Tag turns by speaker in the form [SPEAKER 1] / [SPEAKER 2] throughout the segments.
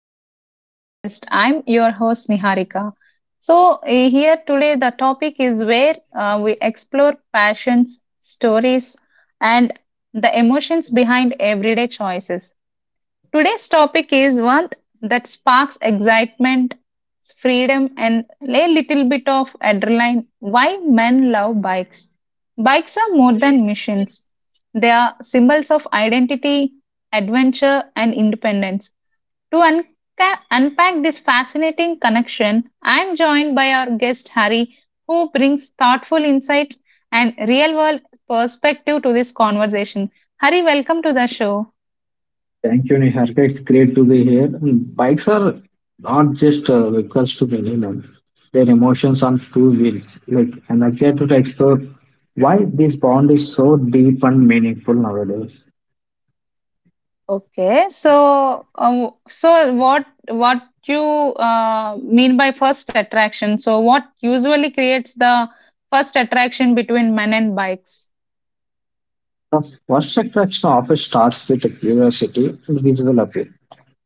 [SPEAKER 1] back to our podcast. I'm your host Niharika. So here today the topic is where we explore passions, stories, and the emotions behind everyday choices. Today's topic is one that sparks excitement, freedom, and a little bit of adrenaline why men love bikes. Bikes are more than machines. They are symbols of identity, adventure, and independence to unpack this fascinating connection, I am joined by our guest Hari, who brings thoughtful insights and real world perspective to this conversation. Hari, welcome to the show.
[SPEAKER 2] Thank you, Niharika. It's great to be here. And bikes are not just vehicles to me. Their emotions on two wheels. Like, I'm excited to explore why this bond is so deep and meaningful nowadays.
[SPEAKER 1] Okay, so what you mean by first attraction? So what usually creates the first attraction between men and bikes?
[SPEAKER 2] The first attraction often starts with a curiosity and visual appeal.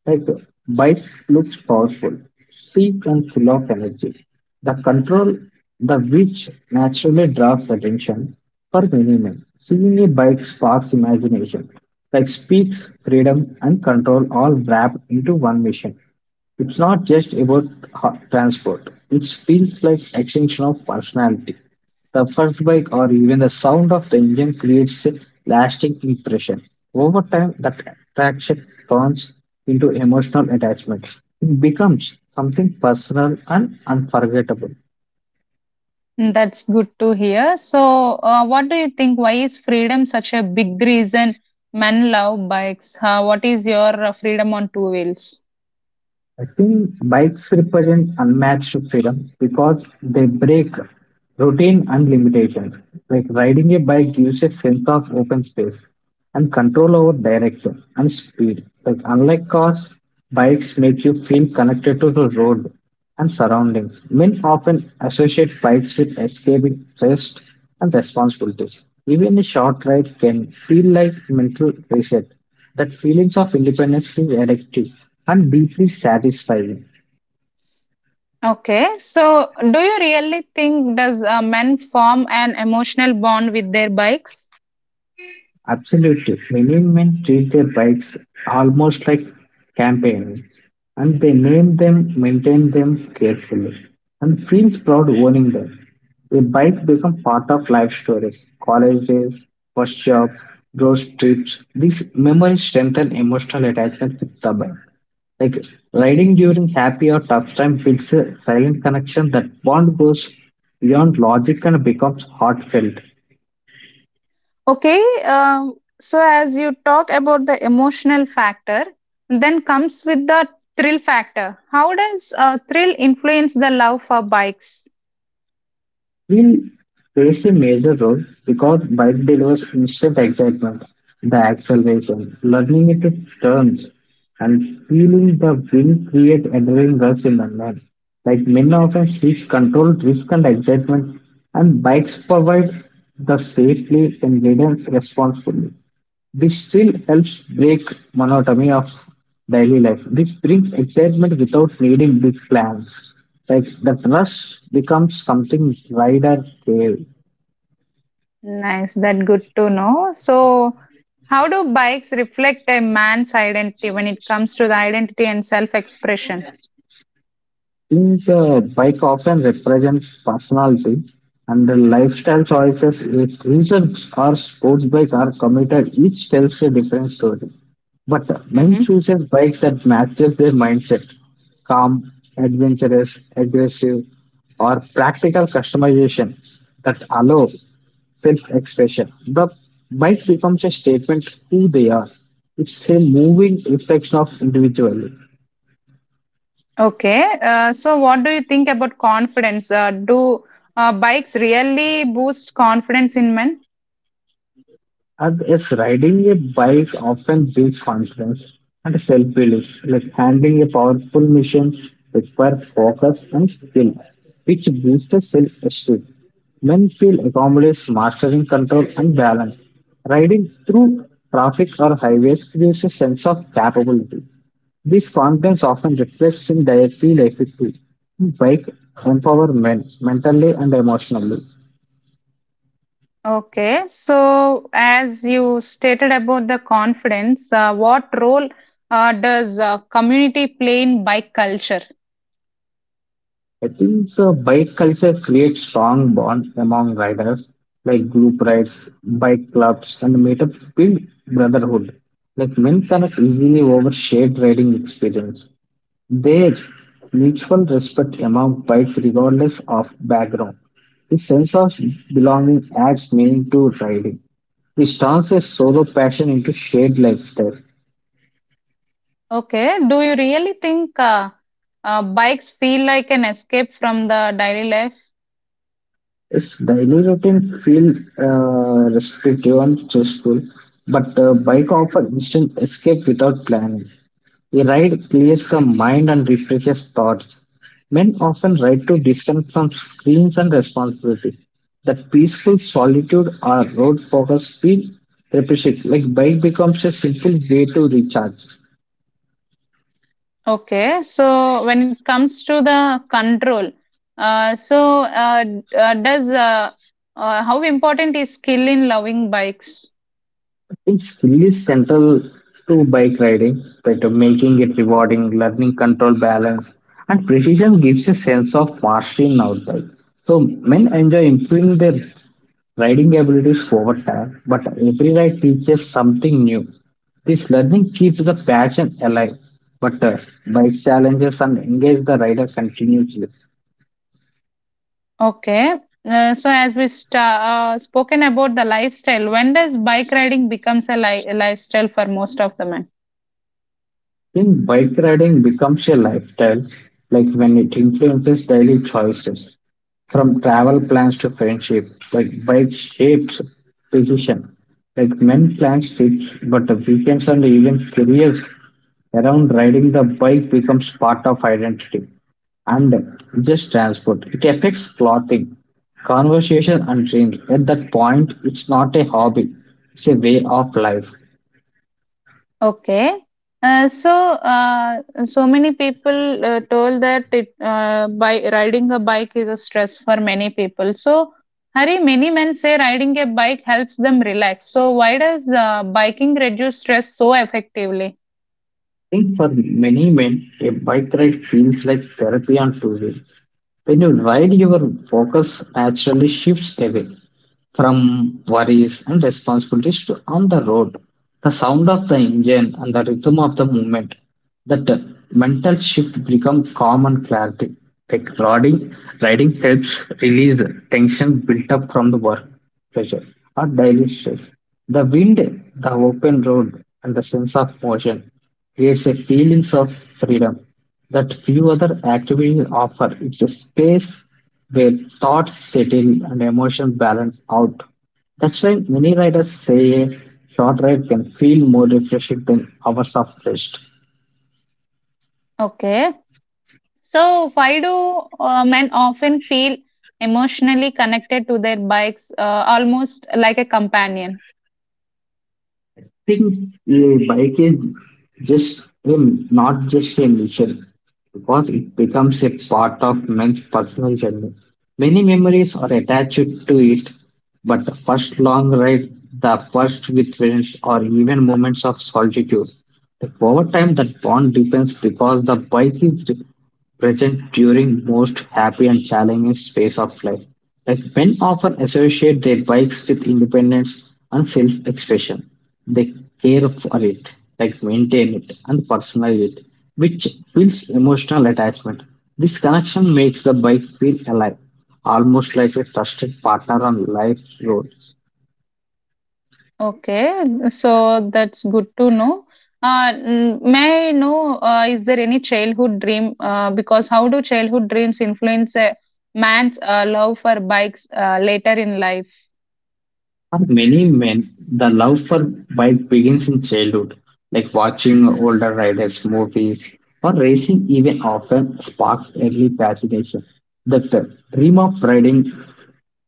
[SPEAKER 2] Like bike looks powerful, sleek and full of energy. The control, the which naturally draws attention for many men. Seeing a bike sparks imagination, like speaks freedom and control all wrapped into one mission. It's not just about transport. It feels like extension of personality. The first bike or even the sound of the engine creates a lasting impression. Over time, that attraction turns into emotional attachment. It becomes something personal and unforgettable.
[SPEAKER 1] Mm, that's good to hear. So, what do you think? Why is freedom such a big reason men love bikes? What is your freedom on two wheels?
[SPEAKER 2] I think bikes represent unmatched freedom because they break routine and limitations. Like riding a bike gives a sense of open space and control over direction and speed. Like unlike cars, bikes make you feel connected to the road and surroundings. Men often associate bikes with escaping stress and responsibilities. Even a short ride can feel like mental reset that feelings of independence is addictive and deeply satisfying.
[SPEAKER 1] Okay, so do you really think does men form an emotional bond with their bikes?
[SPEAKER 2] Absolutely. Many men treat their bikes almost like campaigns and they name them, maintain them carefully, and feels proud owning them. A bike becomes part of life stories, college days, first job, road trips. These memories strengthen emotional attachment with the bike. Like riding during happy or tough time builds a silent connection that bond goes beyond logic and becomes heartfelt.
[SPEAKER 1] Okay, so as you talk about the emotional factor, then comes with the thrill factor. How does thrill influence the love for bikes?
[SPEAKER 2] Will plays a major role because bike delivers instant excitement, the acceleration, learning into turns, and feeling the wind create adrenaline rush in the man. Like men often seek control, risk, and excitement, and bikes provide the safely and guidance responsibly. This still helps break monotony of daily life. This brings excitement without needing big plans. Like the rush becomes something rider gave.
[SPEAKER 1] Nice, that good to know. So, how do bikes reflect a man's identity when it comes to the identity and self expression?
[SPEAKER 2] Think the bike often represents personality and the lifestyle choices. If reasons or sports bike are committed, each tells a different story. But Men
[SPEAKER 1] Hmm.
[SPEAKER 2] chooses bikes that matches their mindset, calm, adventurous, aggressive, or practical customization that allow self-expression. The bike becomes a statement who they are. It's a moving reflection of individuality.
[SPEAKER 1] Okay, so what do you think about confidence? Do bikes really boost confidence in men?
[SPEAKER 2] And yes, riding a bike often builds confidence and self-belief, like handling a powerful mission requires focus and skill, which boosts self-esteem. Men feel accomplished mastering control and balance. Riding through traffic or highways creates a sense of capability. This confidence often reflects in daily life too. Bike empower men mentally and emotionally.
[SPEAKER 1] Okay, so as you stated about the confidence, what role does community play in bike culture?
[SPEAKER 2] I think so bike culture creates strong bonds among riders, like group rides, bike clubs, and meetups build brotherhood. Like men cannot easily over shared riding experience. There, mutual respect among bikes regardless of background. This sense of belonging adds meaning to riding. It turns a solo passion into shared lifestyle.
[SPEAKER 1] Okay. Do you really think bikes feel like an escape from the daily life?
[SPEAKER 2] Yes, daily routine feel restrictive and stressful, but
[SPEAKER 1] Mhm.
[SPEAKER 2] bike offer instant escape without planning. A ride clears the mind and refreshes thoughts. Men often ride to disconnect from screens and responsibility. That peaceful solitude or road focus feel appreciates. Like bike becomes a simple way to recharge.
[SPEAKER 1] Okay. So when it comes to the control, so d- does how important is skill in loving bikes?
[SPEAKER 2] It's really central to bike riding, but making it rewarding, learning control, balance, and precision gives a sense of mastery in outbike. So men enjoy improving their riding abilities over time, but every ride teaches something new. This learning keeps the passion alive, but bike challenges and engage the rider continuously.
[SPEAKER 1] Okay. So as we sta spoken about the lifestyle, when does bike riding becomes a li lifestyle for most of the men?
[SPEAKER 2] Think bike riding becomes a lifestyle, like when it influences daily choices, from travel plans to friendship, like bike shapes decision. Like men plan trips, but the weekends and even careers around riding the bike becomes part of identity and just transport. It affects clothing, conversation, and dreams. At that point, it's not a hobby, it's a way of life.
[SPEAKER 1] Okay. Uh, so, so many people told that by riding a bike is a stress for many people. So, Hari, many men say riding a bike helps them relax. So, why does biking reduce stress so effectively?
[SPEAKER 2] Think for many men, a bike ride feels like therapy on two wheels. When you ride, your focus naturally shifts away from worries and responsibilities to on the road. The sound of the engine and the rhythm of the movement, that mental shift become calm and clarity. Like riding helps release the tension built up from the work pressure or daily stress. The wind, the open road, and the sense of motion creates a feelings of freedom that few other activities offer. It's a space where thoughts settle and emotions balance out. That's why many writers say a short ride can feel more refreshing than hours of rest.
[SPEAKER 1] Okay. So, why do men often feel emotionally connected to their bikes, almost like a companion?
[SPEAKER 2] Think a bike is just a, not just a mission because it becomes a part of men's personal journey. Many memories are attached to it, but the first long ride, the first with friends, or even moments of solitude. But over time, that bond depends because the bike is present during most happy and challenging phases of life, like men often associate their bikes with independence and self-expression. They care for it, like maintain it and personalize it, which feels emotional attachment. This connection makes the bike feel alive, almost like a trusted partner on life's road.
[SPEAKER 1] Okay, so that's good to know. May I know, is there any childhood dream? Because how do childhood dreams influence a man's love for bikes later in life?
[SPEAKER 2] For many men, the love for bike begins in childhood, like watching older riders' movies or racing even often sparks early fascination. That dream of riding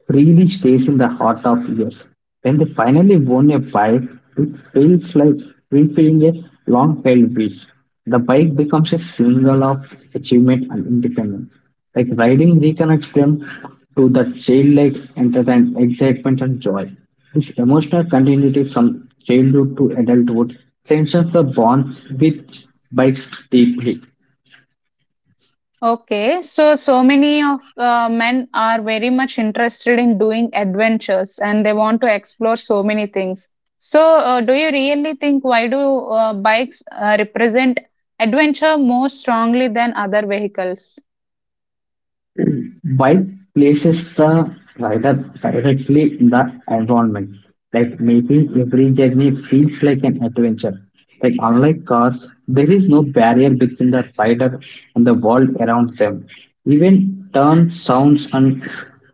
[SPEAKER 2] really stays in the heart of years. When they finally won a fight, it feels like fulfilling a long held wish. The bike becomes a symbol of achievement and independence. Like riding reconnects them to the childlike entertainment, excitement, and joy. This emotional continuity from childhood to adulthood strengthens the bond with bikes deeply.
[SPEAKER 1] Okay, so so many of men are very much interested in doing adventures and they want to explore so many things. So, do you really think why do bikes represent adventure more strongly than other vehicles?
[SPEAKER 2] Bike places the rider directly in the environment, like making every journey feels like an adventure. Like unlike cars, there is no barrier between the rider and the world around them. Even turn sounds and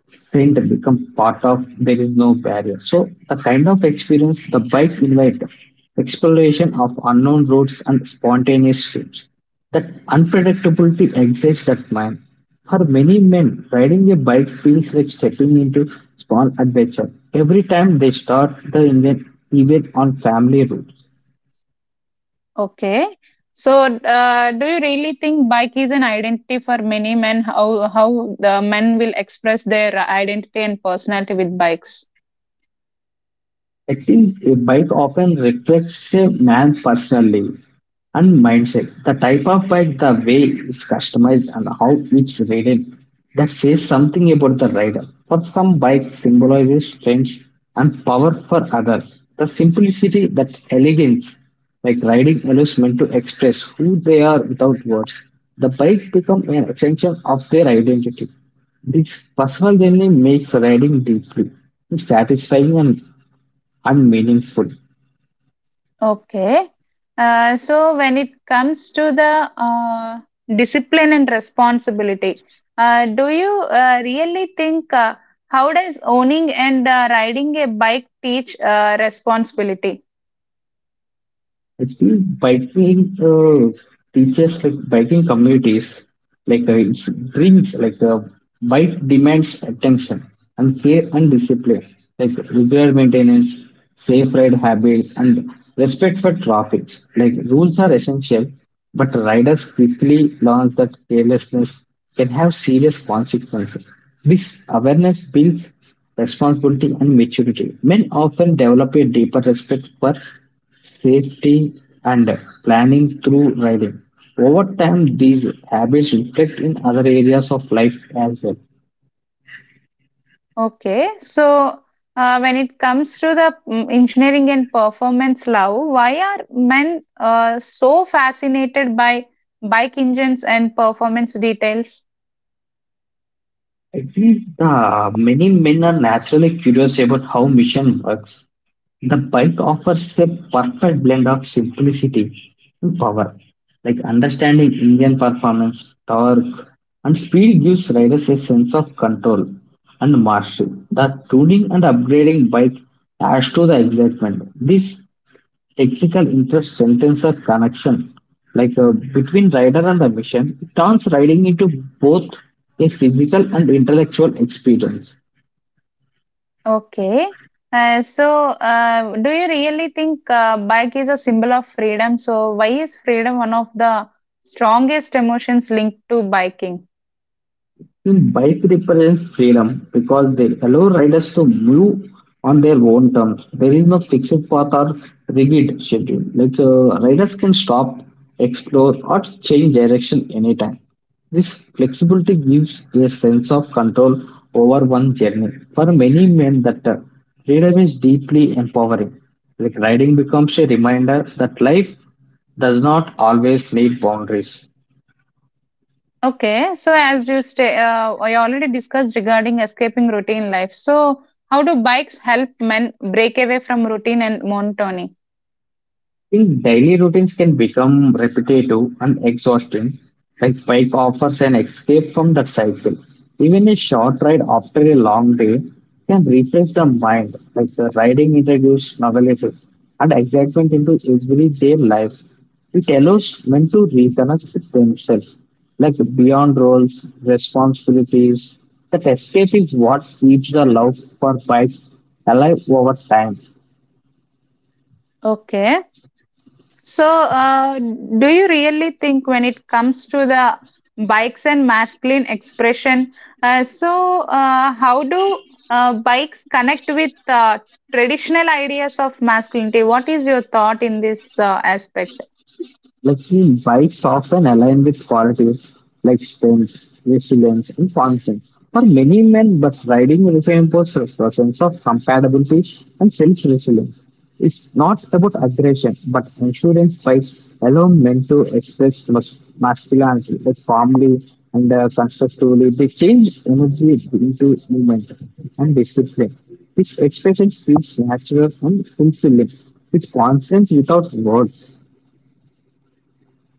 [SPEAKER 2] scent become part of there is no barrier. So the kind of experience the bike invites exploration of unknown roads and spontaneous trips. That unpredictability excites that man. For many men, riding a bike feels like stepping into small adventure. Every time they start the engine, even on family roads.
[SPEAKER 1] Okay. So, do you really think bike is an identity for many men? How the men will express their identity and personality with bikes?
[SPEAKER 2] I think a bike often reflects a man's personality and mindset. The type of bike, the way it's customized, and how it's ridden that says something about the rider. For some, bike symbolizes strength and power. For others, the simplicity, that elegance, like riding allows men to express who they are without words. The bike becomes an extension of their identity. This personal journey makes riding deeply satisfying and unmeaningful.
[SPEAKER 1] Okay. So, when it comes to the discipline and responsibility, do you really think how does owning and riding a bike teach responsibility?
[SPEAKER 2] Actually, biking teaches like biking communities it brings bike demands attention and care and discipline like regular maintenance, safe ride habits, and respect for traffic. Like rules are essential, but riders quickly learn that carelessness can have serious consequences. This awareness builds responsibility and maturity. Men often develop a deeper respect for safety, and planning through riding. Over time, these habits reflect in other areas of life as well.
[SPEAKER 1] Okay, so when it comes to the engineering and performance love, why are men so fascinated by bike engines and performance details?
[SPEAKER 2] I think many men are naturally curious about how mission works. The bike offers a perfect blend of simplicity and power. Like understanding engine performance, torque, and speed gives riders a sense of control and mastery. The tuning and upgrading bike adds to the excitement. This technical interest strengthens the connection, between rider and the machine. It turns riding into both a physical and intellectual experience.
[SPEAKER 1] Okay, so do you really think bike is a symbol of freedom? So why is freedom one of the strongest emotions linked to biking?
[SPEAKER 2] In bike represents freedom because they allow riders to move on their own terms. There is no fixed path or rigid schedule. Riders can stop, explore, or change direction anytime. This flexibility gives a sense of control over one journey. For many men, that freedom is deeply empowering. Like riding becomes a reminder that life does not always need boundaries.
[SPEAKER 1] Okay, so as you stay, I already discussed regarding escaping routine life. So, how do bikes help men break away from routine and monotony?
[SPEAKER 2] Think daily routines can become repetitive and exhausting, like bike offers an escape from that cycle. Even a short ride after a long day can refresh the mind, like the riding introduces novelty and excitement into everyday life. It allows men to reconnect with themselves, like beyond roles, responsibilities. That escape is what keeps the love for bikes alive over time.
[SPEAKER 1] Okay, so do you really think when it comes to the bikes and masculine expression, so how do bikes connect with traditional ideas of masculinity? What is your thought in this aspect?
[SPEAKER 2] Like he bikes often align with qualities like strength, resilience, and confidence. For many men, but riding reinforces the sense of compatibility and self-resilience. It's not about aggression, but insurance bikes allow men to express masculinity like calmly and constructively. They change energy into movement and discipline. This expression feels natural and fulfilling, with confidence without words.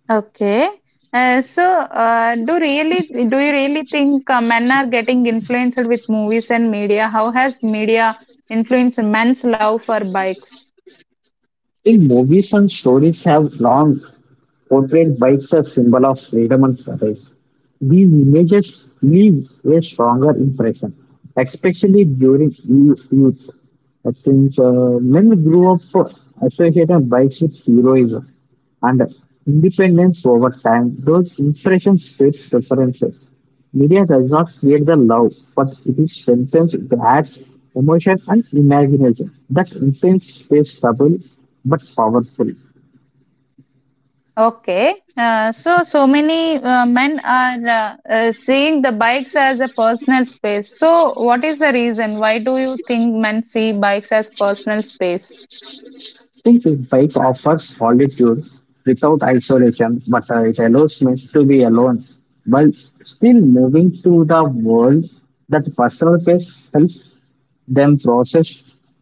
[SPEAKER 1] Okay. So, do you really think men are getting influenced with movies and media? How has media influenced men's love for bikes?
[SPEAKER 2] I think movies and stories have long portrayed bikes as symbol of freedom and courage. These images leave a stronger impression, especially during youth. I think men grew up associating bikes with heroism and independence over time. Those impressions shape preferences. Media does not create the love, but it is strengthens, it adds emotion and imagination that intense is subtle but powerful.
[SPEAKER 1] Okay. So, so many men are seeing the bikes as a personal space. So, what is the reason? Why do you think men see bikes as personal space?
[SPEAKER 2] Think bike offers solitude without isolation, but it allows me to be alone while still moving to the world that personal pace helps them process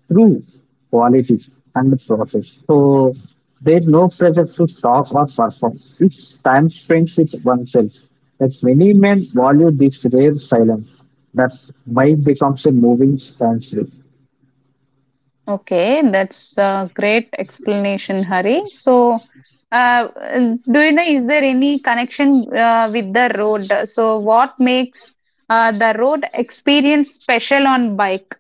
[SPEAKER 2] through quality and process. So there's no pressure to talk or perform. It's time spent with oneself. That many men value this rare silence that bike becomes a moving standstill.
[SPEAKER 1] Okay, that's a great explanation, Hari. So, uh, do you know, is there any connection with the road? So, what makes the road experience special on bike?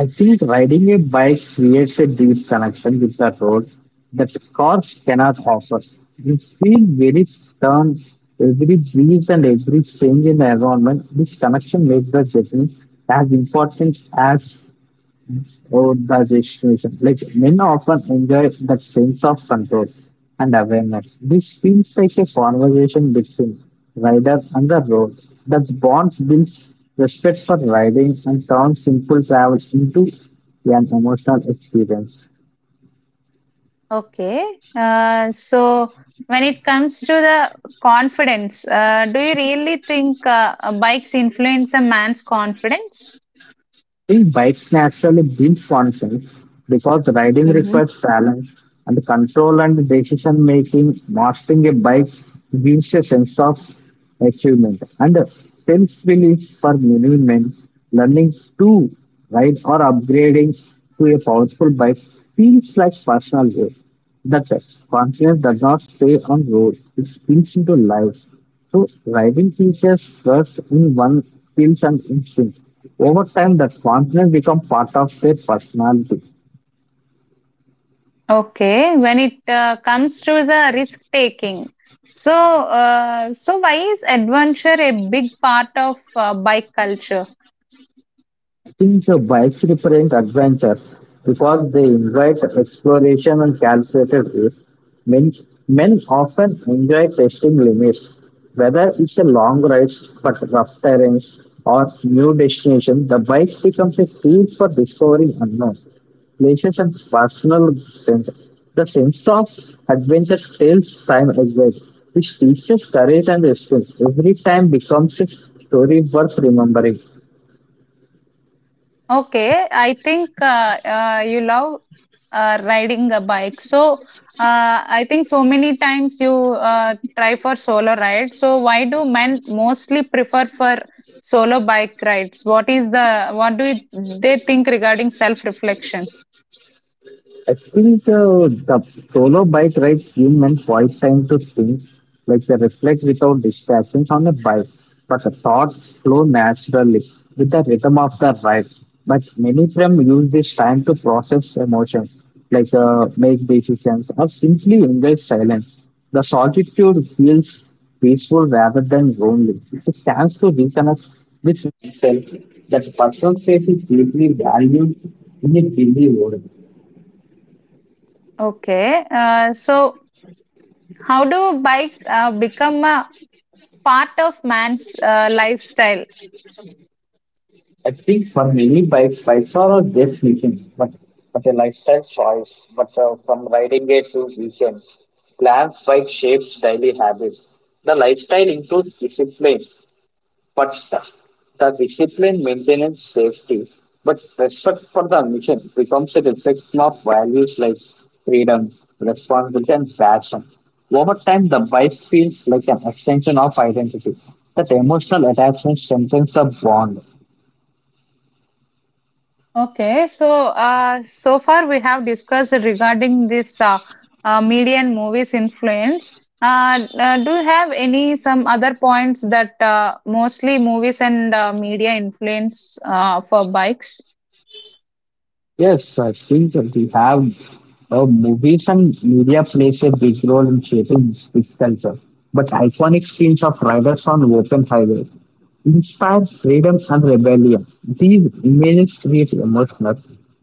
[SPEAKER 2] I think riding a bike creates a deep connection with the road that cars cannot offer. You feel very turn, every breeze and every change in the environment. This connection makes the journey as important as organization. Like men often enjoy that sense of control and awareness. This feels like a conversation between rider and the road that bond builds respect for riding and turns simple travel into an emotional experience.
[SPEAKER 1] Okay, so when it comes to the confidence, do you really think bikes influence a man's confidence?
[SPEAKER 2] Think bikes naturally bring functions because riding
[SPEAKER 1] Mhm.
[SPEAKER 2] requires balance and control and decision making. Mastering a bike gives a sense of achievement and self belief for many men. Learning to ride or upgrading to a powerful bike feels like personal growth. That's it. Confidence does not stay on road; it spills into life. So, driving teaches trust in one's skills and instincts. Over time, that confidence becomes part of their personality.
[SPEAKER 1] Okay, when it comes to the risk taking, so so why is adventure a big part of bike culture?
[SPEAKER 2] Since the bikes represent adventure because they invite exploration and calculated risk. Men, men often enjoy testing limits, whether it's a long ride but rough terrains or new destination. The bike becomes a tool for discovering unknown places, and personal growth. The sense of adventure tells time as well, which teaches courage and restraint. Every time becomes a story worth remembering.
[SPEAKER 1] Okay, I think you love riding a bike. So I think so many times you try for solo ride. So why do men mostly prefer for solo bike rides? What is the what do you- they think regarding self reflection?
[SPEAKER 2] Experience the solo bike ride human men quiet time to think, like they reflect without distractions on a bike. But the thoughts flow naturally with the rhythm of the ride. But many of them use this time to process emotions, like make decisions or simply enjoy silence. The solitude feels peaceful rather than lonely. It's a chance to reconnect with myself. That personal space is deeply valued in a busy world.
[SPEAKER 1] Okay, so how do bikes become a part of man's lifestyle?
[SPEAKER 2] I think for many bikes, bikes are a destination, but a lifestyle choice. But from riding it to weekends, plans bike shapes daily habits. The lifestyle includes discipline, but the discipline maintains safety. But respect for the mission becomes a reflection of values like freedom, responsibility, and passion. Over time, the bike feels like an extension of identity. That emotional attachment strengthens the bond.
[SPEAKER 1] Okay, so so far we have discussed regarding this media and movies influence. Do you have any some other points that mostly movies and media influence for bikes?
[SPEAKER 2] Yes, I think that we have movies and media plays a big role in shaping this culture. But iconic scenes of riders on open highways inspire freedom and rebellion. These images create emotional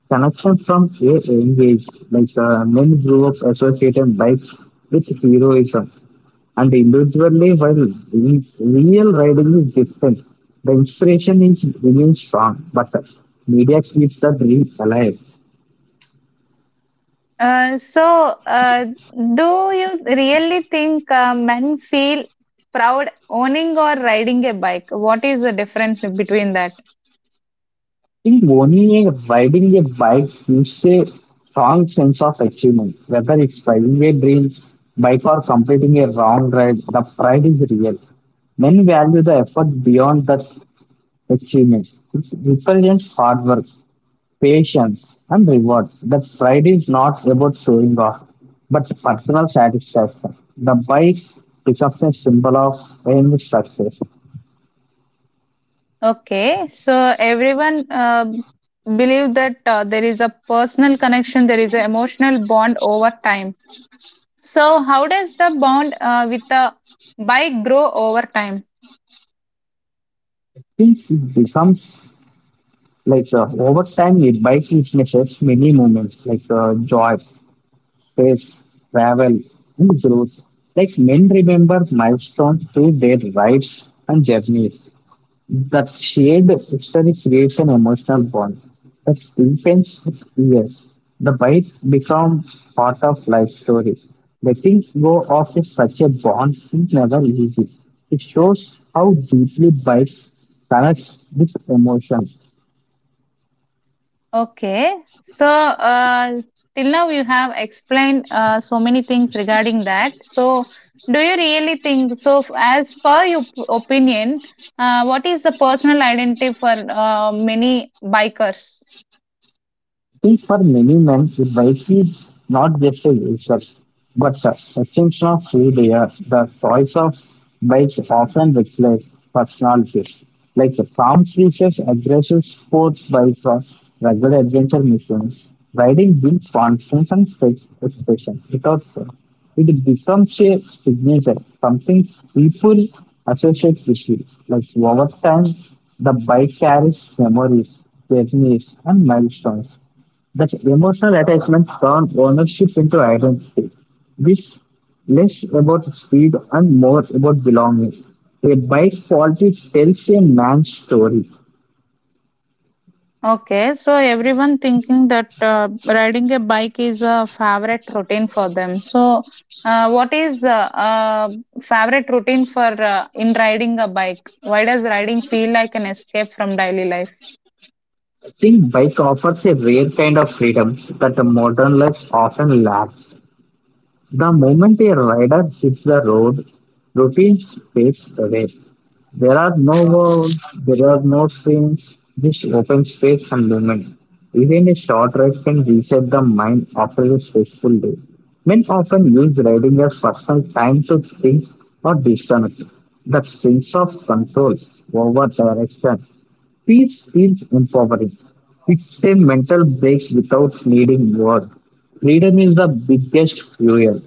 [SPEAKER 2] connection from a young age. Like men grew up associating bikes with heroism, and individually, while real riding is different, the inspiration is remains strong. But media keeps the dream alive.
[SPEAKER 1] Uh, so, uh, do you really think men feel proud owning or riding a bike? What is the difference between that?
[SPEAKER 2] Think Boni is riding a bike gives a strong sense of achievement. Whether it's finding a dream bike or completing a long ride, the pride is real. Many value the effort beyond that achievement. It represents hard work, patience, and reward. The pride is not about showing off, but personal satisfaction. The bike becomes a symbol of aim success.
[SPEAKER 1] Okay, so everyone believe that there is a personal connection, there is an emotional bond over time. So how does the bond with the bike grow over time?
[SPEAKER 2] Since it becomes like over time, it bike witnesses many moments like joy, stress, travel, and growth. Like men remember milestones through their rides and journeys. That shared history creates an emotional bond that deepens with years. The bike becomes part of life stories. Letting go of such a bond is never easy. It shows how deeply bikes connect with emotions.
[SPEAKER 1] Okay, so till now you have explained so many things regarding that. So do you really think so? As per your opinion, what is the personal identity for many bikers?
[SPEAKER 2] I think for many men, privacy is not just a resource, but the extension of who they are. The choice of bikes often reflects personalities, like the calm species, aggressive sports bikes, or regular adventure missions. Riding builds confidence and self expression. It also it becomes a signature, something people associate with you. Like over time, the bike carries memories, journeys, and milestones that emotional attachment turns ownership into identity. This less about speed and more about belonging. A bike quality tells a man's story.
[SPEAKER 1] Okay, so everyone thinking that riding a bike is a favorite routine for them. So, what is uh, favorite routine for in riding a bike? Why does riding feel like an escape from daily life?
[SPEAKER 2] I think bike offers a rare kind of freedom that the modern life often lacks. The moment a rider hits the road, routine fades away. There are no walls, there are no screens, just open space and movement. Even a short ride can reset the mind after a stressful day. Men often use riding as personal time to think or disconnect. The sense of control over direction. Peace feels empowering. It's a mental break without needing war. Freedom is the biggest fuel.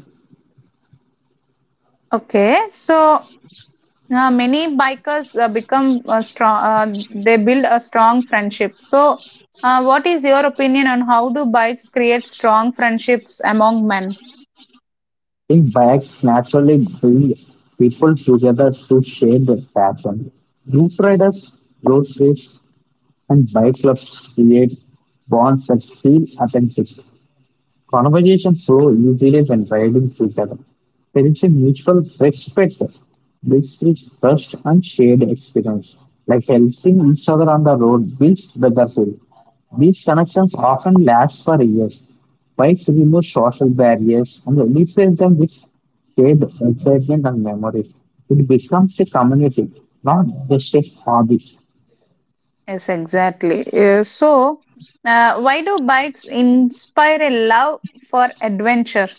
[SPEAKER 1] Okay, so many bikers become strong. They build a strong friendship. So, what is your opinion on how do bikes create strong friendships among men?
[SPEAKER 2] Big bags naturally bring people together to share their passion. Group riders, road trips, and bike clubs create bonds that feel authentic. Conversations flow easily when guiding each other. There is a mutual respect, which is trust and shared experience. Like helping each other on the road builds brotherhood. These connections often last for years. Bikes remove social barriers and replace them with shared excitement and memories. It becomes a community, not just a hobby.
[SPEAKER 1] Yes, exactly. Why do bikes inspire a love for adventure?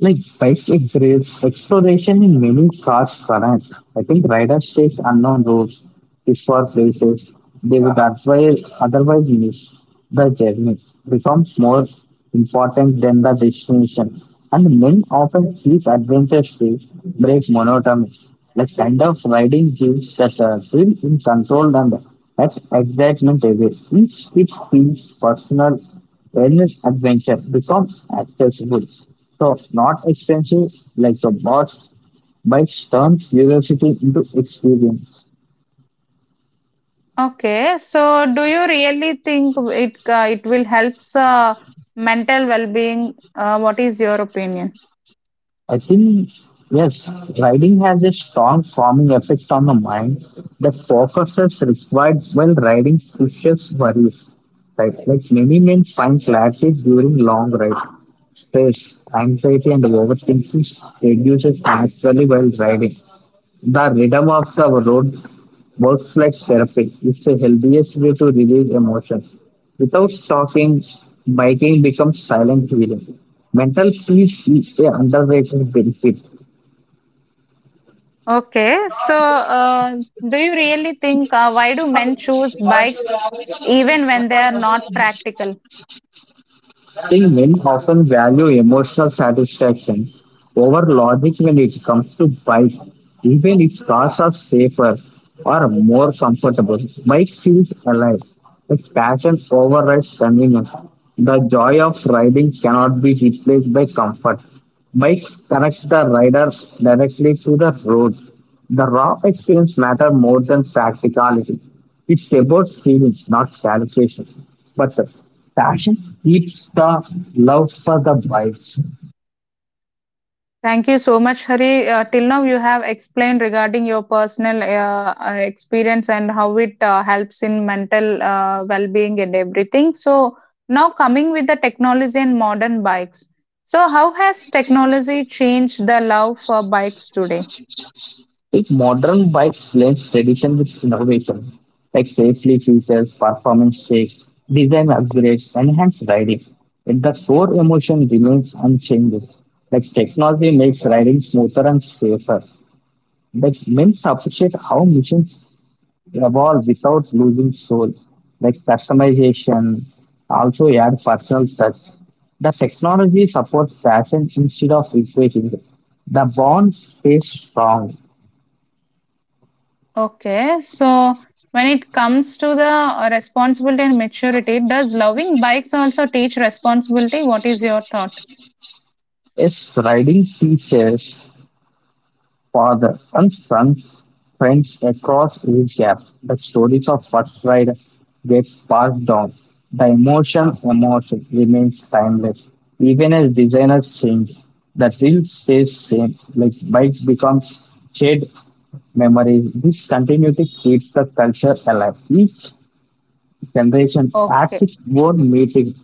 [SPEAKER 2] Like bike embrace exploration in many cars current. I think riders take unknown roads, discover places they would otherwise miss. The journey becomes more important than the destination, and men often seek adventures to break monotony. The kind of riding gives that thrill in control and that excitement away, which it feels personal. Wellness adventure becomes accessible, so not expensive like the boss. Bikes turns curiosity into experience.
[SPEAKER 1] Okay, so do you really think it it will help mental well-being? What is your opinion?
[SPEAKER 2] I think yes, riding has a strong calming effect on the mind. The focuses required while riding pushes worries. Right, like many men find clarity during long ride. Stress, anxiety, and overthinking reduces naturally while riding. The rhythm of the road works like therapy. It's the healthiest way to release emotion. Without talking, biking becomes silent healing. Mental peace is an underrated benefit.
[SPEAKER 1] Okay, so do you really think why do men choose bikes even when they are not practical?
[SPEAKER 2] I think men often value emotional satisfaction over logic when it comes to bike, even if cars are safer or more comfortable. Bike feels alive. Like passion overrides convenience. The joy of riding cannot be replaced by comfort. Mike connects the riders directly to the roads. The raw experience matters more than practicality. It's about feelings, not calculations. But the passion keeps the love for the bikes.
[SPEAKER 1] Thank you so much, Hari. Till now, you have explained regarding your personal experience and how it helps in mental well being and everything. So, now coming with the technology and modern bikes. So, how has technology changed the love for bikes today?
[SPEAKER 2] If modern bikes blend tradition with innovation, like safety features, performance checks, design upgrades, enhanced riding, if the core emotion remains unchanged. Like technology makes riding smoother and safer, but men appreciate how missions evolve without losing soul, like customization, also add personal touch. The technology supports passion instead of replacing it. The bond stays strong.
[SPEAKER 1] Okay, so when it comes to the responsibility and maturity, does loving bikes also teach responsibility? What is your thought?
[SPEAKER 2] Yes, riding features father and son friends across age gaps. The stories of first ride get passed down. The emotion remains timeless. Even as designers change, the thrill stays same. Like bikes become shared memories. This continuity keeps the culture alive. Each generation adds
[SPEAKER 1] Okay.
[SPEAKER 2] its own meaning.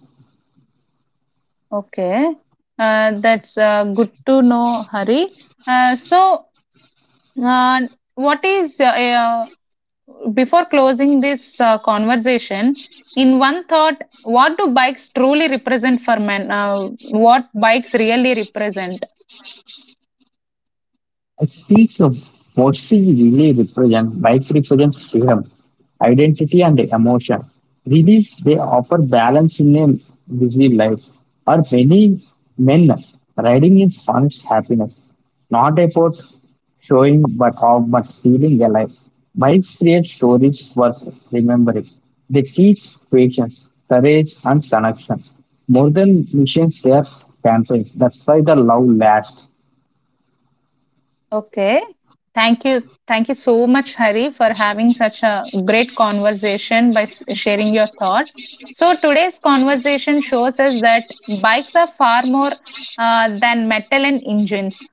[SPEAKER 1] Okay, that's good to know, Hari. Uh, so, uh, what is uh, uh, before closing this conversation? In one thought, what do bikes truly represent for men? What bikes really represent?
[SPEAKER 2] A piece of mostly really represent bike represents freedom, identity and emotion. Release they offer balance in a busy life. Or many men riding is honest happiness. Not about showing but how but feeling alive. Bikes create stories worth remembering. They teach patience, courage and connection. More than missions they are campaigns. That's why the love lasts.
[SPEAKER 1] Okay. Thank you. Thank you so much, Hari, for having such a great conversation by sharing your thoughts. So, today's conversation shows us that bikes are far more than metal and engines.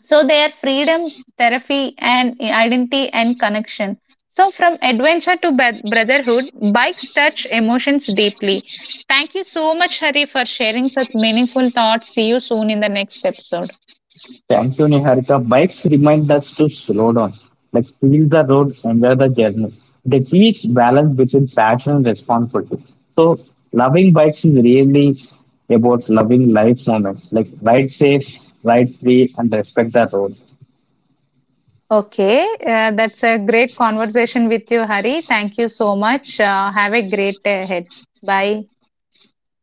[SPEAKER 1] So, they are freedom, therapy, and identity and connection. So, from adventure to brotherhood, bikes touch emotions deeply. Thank you so much, Hari, for sharing such meaningful thoughts. See you soon in the next episode.
[SPEAKER 2] Thank you, Niharika. Bikes remind us to slow down, like feel the road, enjoy the journey. They teach balance between passion and responsibility. So, loving bikes is really about loving life moments, like ride safe, ride free, and respect the road.
[SPEAKER 1] Okay, that's a great conversation with you, Hari. Thank you so much. Have a great day ahead. Bye.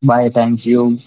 [SPEAKER 2] Bye. Thank you.